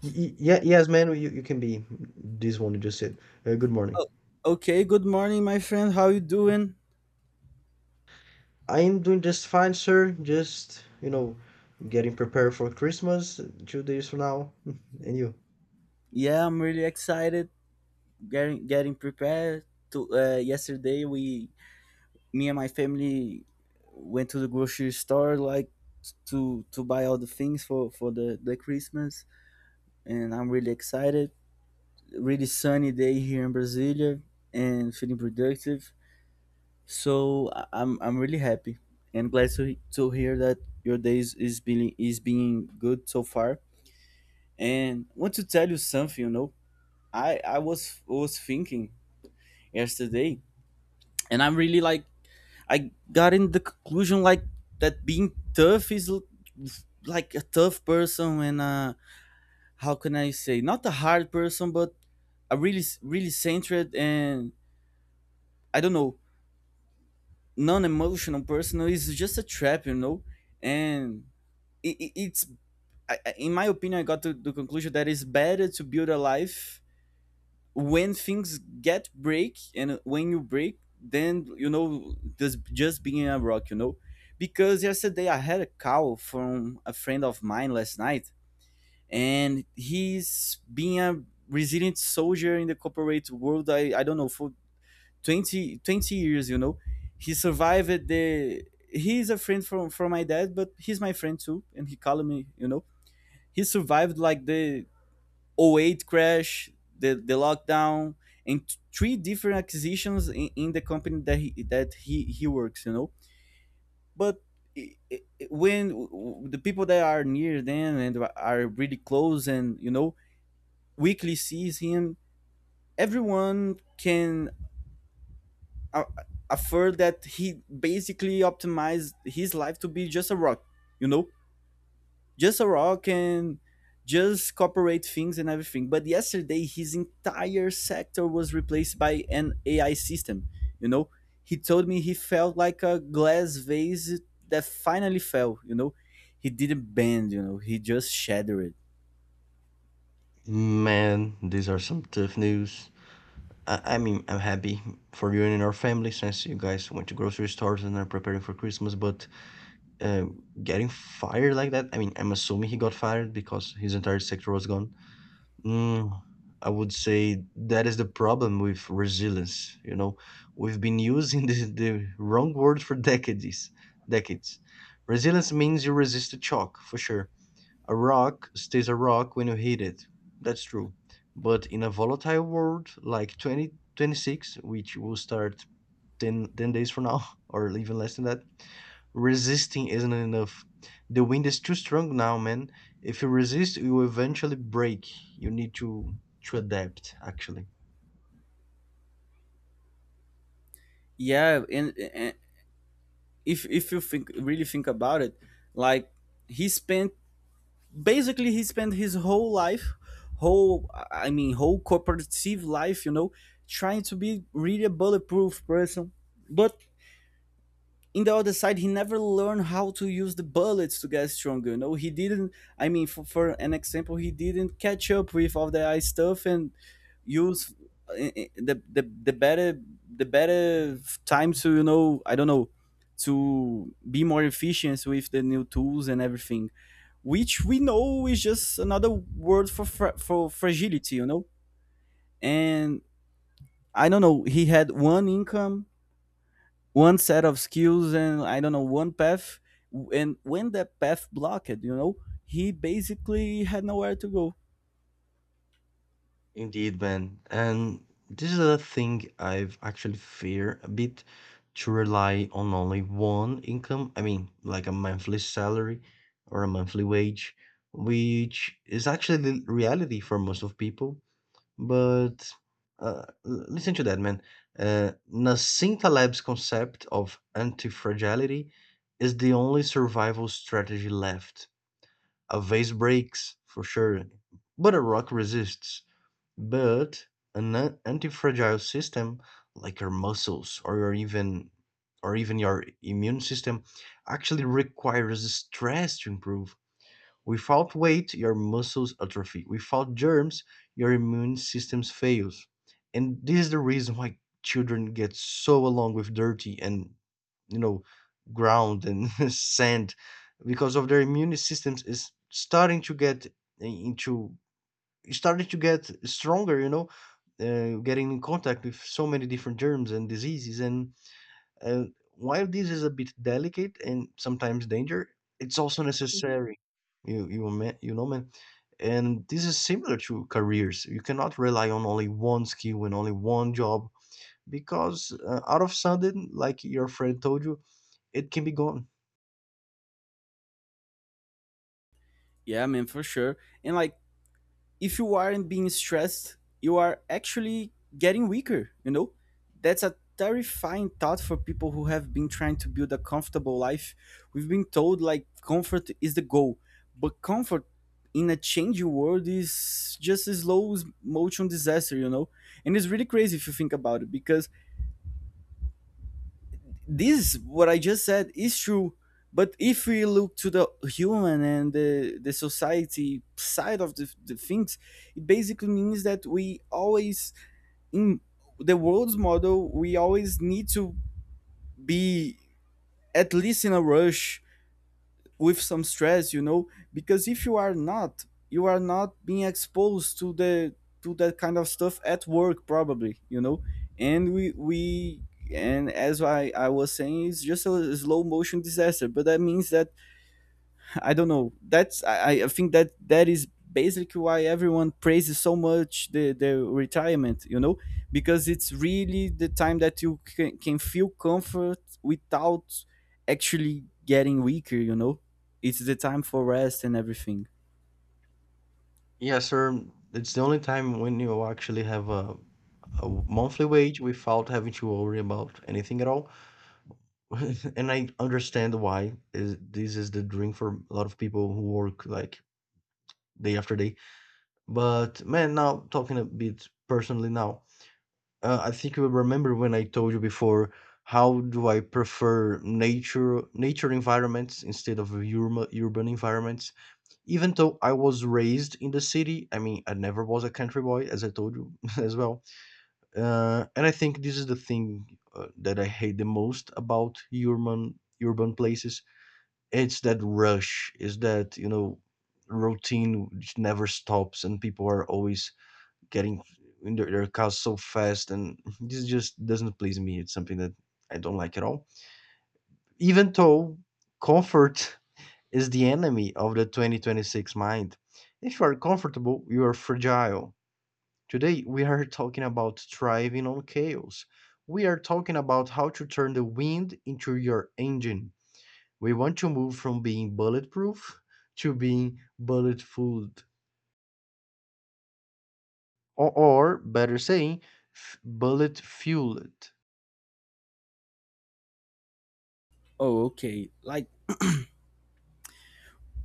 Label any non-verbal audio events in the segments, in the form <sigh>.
Yeah, yes, man, you can be this one you just said. Good morning. Okay, good morning, my friend. How you doing? I am doing just fine, sir. Just, you know, getting prepared for Christmas 2 days from now. <laughs> And you? Yeah, I'm really excited. Getting prepared. To yesterday, we me and my family went to the grocery store, like to buy all the things for the Christmas, and I'm really excited. Really sunny day here in Brasilia, and feeling productive. So I'm really happy and glad to hear that your day is being good so far. And want to tell you something. I was thinking yesterday, and I'm really, like, I got in the conclusion, like, that being tough is like a tough person, and how can I say, not a hard person, but a really, really centered and, I don't know, non-emotional person is just a trap, you know. And it's in my opinion, I got to the conclusion that it's better to build a life when things get break, and when you break, then, you know, just being a rock, you know. Because yesterday I had a call from a friend of mine last night, and he's been a resilient soldier in the corporate world, I don't know, for 20 20 years, you know. He survived the, he's a friend from my dad, but he's my friend too, and he called me, you know. He survived like the oh '08 crash, the lockdown, and three different acquisitions in the company that he works, you know. But i- i- when the people that are near them and are really close and, you know, weekly sees him, everyone can uh, affirm that he basically optimized his life to be just a rock, you know. Just a rock and just corporate things and everything. But yesterday, his entire sector was replaced by an AI system. You know, he told me he felt like a glass vase that finally fell. You know, he didn't bend. You know, he just shattered it. Man, these are some tough news. I mean, I'm happy for you and your family since you guys went to grocery stores and are preparing for Christmas, but getting fired like that, I mean, I'm assuming he got fired because his entire sector was gone. Mm, I would say that is the problem with resilience. You know, we've been using <laughs> the wrong word for decades. Decades. Resilience means you resist a shock, for sure. A rock stays a rock when you hit it. That's true. But in a volatile world like 2026, which will start ten days from now, <laughs> or even less than that, resisting isn't enough. The wind is too strong now, man. If you resist, you will eventually break. You need to adapt, actually. Yeah, and if you think, really think about it, like, he spent, basically he spent his whole life, whole, I mean, whole corporative life, you know, trying to be really a bulletproof person. But, in the other side, he never learned how to use the bullets to get stronger, you know. He didn't, I mean, for an example, he didn't catch up with all the AI stuff and use the better, the better time to, you know, I don't know, to be more efficient with the new tools and everything, which we know is just another word for for fragility, you know. And I don't know, he had one income, one set of skills, and, I don't know, one path. And when that path blocked, you know, he basically had nowhere to go. Indeed, man. And this is a thing I've actually fear a bit to rely on only one income. I mean, like a monthly salary or a monthly wage, which is actually the reality for most of people. But, l listen to that, man. Nassim Taleb's concept of anti-fragility is the only survival strategy left. A vase breaks, for sure, but a rock resists. But an anti-fragile system, like your muscles or your even or even your immune system, actually requires stress to improve. Without weight, your muscles atrophy. Without germs, your immune system fails. And this is the reason why children get so along with dirty and, you know, ground and <laughs> sand because of their immune systems is starting to get into starting to get stronger, you know, getting in contact with so many different germs and diseases and while this is a bit delicate and sometimes danger, it's also Mhm. necessary. You know, man. And this is similar to careers. You cannot rely on only one skill and only one job because out of sudden, like your friend told you, it can be gone. Yeah, man, for sure. And, like, if you aren't being stressed, you are actually getting weaker, you know? That's a terrifying thought for people who have been trying to build a comfortable life. We've been told, like, comfort is the goal, but comfort in a changing world is just a slow motion disaster, you know? And it's really crazy if you think about it, because this, what I just said, is true. But if we look to the human and the society side of the things, it basically means that we always, in the world's model, we always need to be, at least, in a rush with some stress, you know. Because if you are not, you are not being exposed to the, to that kind of stuff at work, probably, you know. And we and as I was saying, it's just a slow motion disaster. But that means that, I don't know. That's, I think that that is basically why everyone praises so much the retirement, you know, because it's really the time that you can feel comfort without actually getting weaker, you know. It's the time for rest and everything. Yes, sir. It's the only time when you actually have a monthly wage without having to worry about anything at all. <laughs> And I understand why is this is the dream for a lot of people who work like day after day. But man, now talking a bit personally now, I think you will remember when I told you before how do I prefer nature environments instead of urban environments. Even though I was raised in the city, I mean I never was a country boy, as I told you <laughs> as well. And I think this is the thing that I hate the most about urban places, it's that rush, is that, you know, routine which never stops and people are always getting in their cars so fast and <laughs> this just doesn't please me. It's something that I don't like at all. Even though comfort <laughs> is the enemy of the 2026 mind. If you are comfortable, you are fragile. Today we are talking about thriving on chaos. We are talking about how to turn the wind into your engine. We want to move from being bulletproof to being bullet fooled, or better saying, bullet fueled. Oh, okay. Like,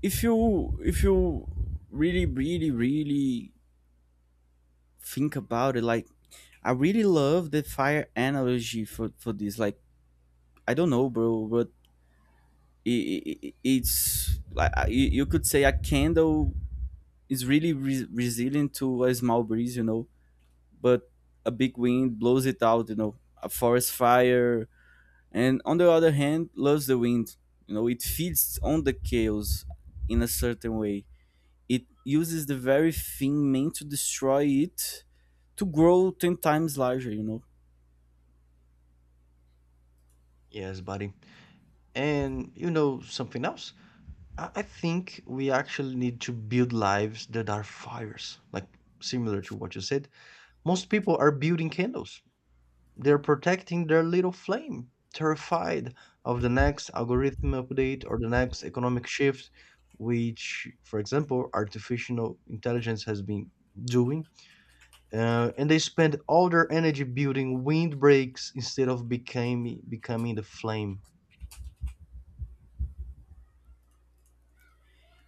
if you really, really, really think about it, like, I really love the fire analogy for this. Like, I don't know, bro, but it's like, I- you could say a candle is really resilient to a small breeze, you know, but a big wind blows it out, you know. A forest fire, and on the other hand, loves the wind. You know, it feeds on the chaos in a certain way. It uses the very thing meant to destroy it to grow 10 times larger, you know. Yes, buddy. And you know something else? I think we actually need to build lives that are fires, like similar to what you said. Most people are building candles. They're protecting their little flame, terrified of the next algorithm update or the next economic shift, which, for example, artificial intelligence has been doing. And they spend all their energy building windbreaks instead of becoming the flame.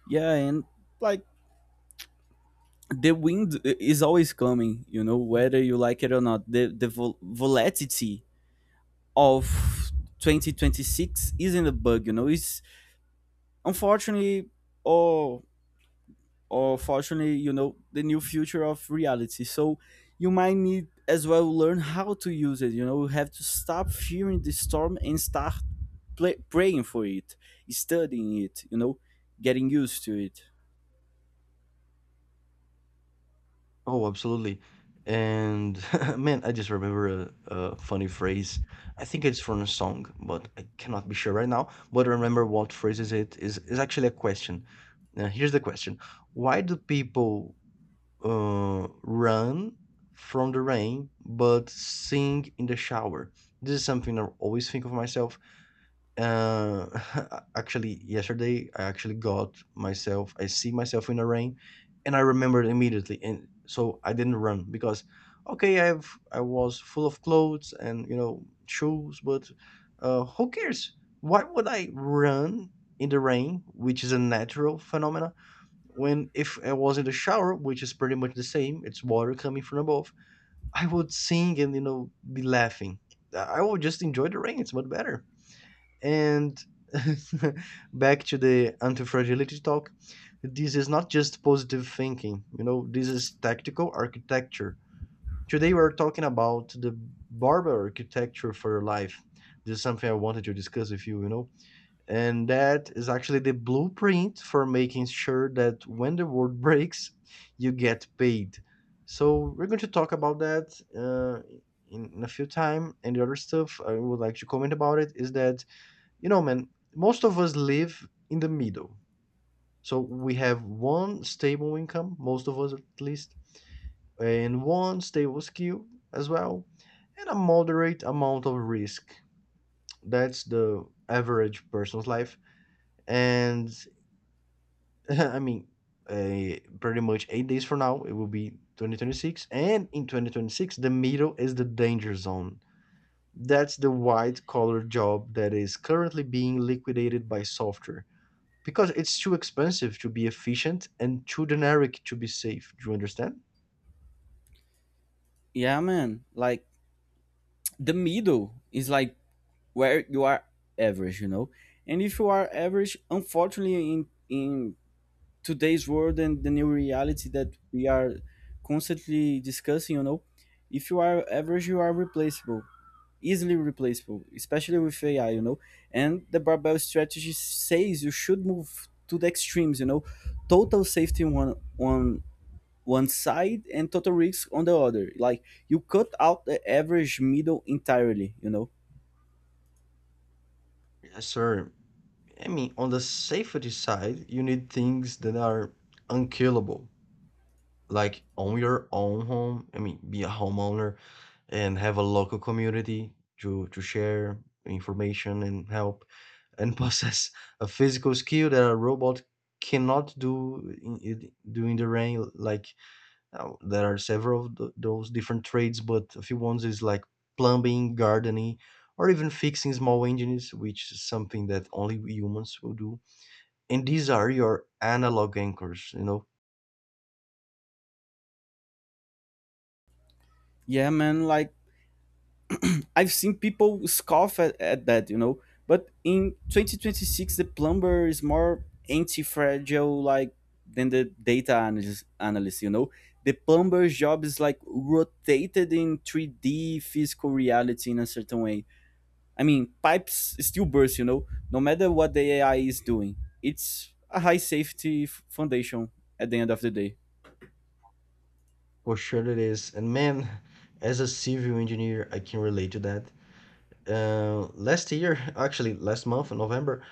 Yeah, and, like, the wind is always coming, you know, whether you like it or not. The volatility of 2026 isn't a bug, you know. It's, unfortunately, or or fortunately, you know, the new future of reality. So you might need as well learn how to use it. You know, you have to stop fearing the storm and start praying for it, studying it. You know, getting used to it. Oh, absolutely. And <laughs> man, I just remember a funny phrase. I think it's from a song, but I cannot be sure right now. But remember what phrase is it? Is actually a question. Now, here's the question: why do people run from the rain but sing in the shower? This is something I always think of myself, uh, <laughs> actually, yesterday I actually got myself. I see myself in a rain, and I remembered immediately, and so I didn't run because, okay, I was full of clothes and you know shoes, but who cares? Why would I run in the rain, which is a natural phenomena? When if I was in the shower, which is pretty much the same, it's water coming from above. I would sing and you know be laughing. I would just enjoy the rain. It's much better. And <laughs> back to the anti-fragility talk, this is not just positive thinking, you know, this is tactical architecture. Today we're talking about the barber architecture for your life. This is something I wanted to discuss with you, you know. And that is actually the blueprint for making sure that when the world <laughs> breaks, you get paid. So we're going to talk about that in a few time. And the other stuff I would like to comment about it is that you know, man, most of us live in the middle. So we have one stable income, most of us at least, and one stable skill as well, and a moderate amount of risk. That's the average person's life. And <laughs> I mean, pretty much 8 days from now, it will be 2026. And in 2026, the middle is the danger zone. That's the white collar job that is currently being liquidated by software, because it's too expensive to be efficient and too generic to be safe. Do you understand? Yeah, man. Like, the middle is, like, where you are average. You know, and if you are average, unfortunately, in today's world and the new reality that we are constantly discussing, you know, if you are average, you are replaceable, easily replaceable, especially with AI, you know. And the barbell strategy says you should move to the extremes, you know. Total safety on one side and total risk on the other. Like, you cut out the average middle entirely, you know. Yes, sir. I mean, on the safety side, you need things that are unkillable, like own your own home. I mean, be a homeowner and have a local community to share information and help and possess <laughs> a physical skill that a robot cannot do during the rain, like there are several of those different trades, but a few ones is like plumbing, gardening, or even fixing small engines, which is something that only we humans will do. And these are your analog anchors, you know. Yeah, man, like, I've seen people scoff at that, you know. But in 2026, the plumber is more anti-fragile, like, than the data analyst. You know, the plumber's job is, like, rotated in 3D physical reality in a certain way. I mean, pipes still burst. You know, no matter what the AI is doing, it's a high safety foundation at the end of the day. For sure it is. And man, <laughs> as a civil engineer, I can relate to that. Last year, <laughs> actually last month in November,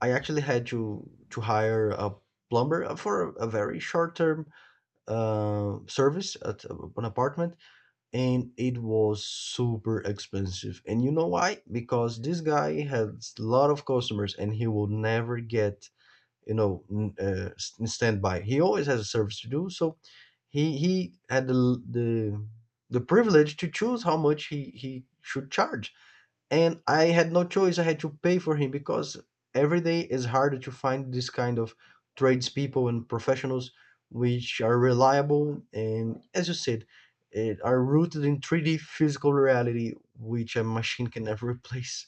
I actually had to hire a plumber for a very short term service at an apartment and it was super expensive. And you know why? Because this guy has a lot of customers and he will never get, you know, standby. He always has a service to do. So he had the privilege to choose how much he should charge and I had no choice. I had to pay for him because every day is harder to find this kind of tradespeople and professionals which are reliable and, as you said, are rooted in 3D physical reality, which a machine can never <laughs> replace.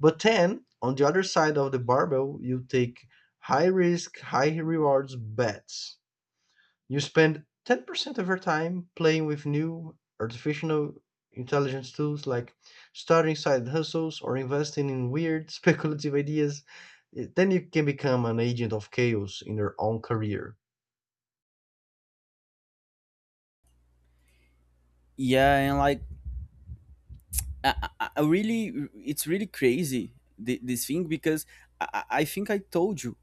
But then, on the other side of the barbell, you take high risk, high rewards bets. You spend 10% of your time playing with new artificial intelligence tools like starting side hustles or investing in weird <laughs> speculative ideas. Then you can become an agent of chaos in your own career. Yeah, and, like, I really, it's really crazy, this thing, because I think I told you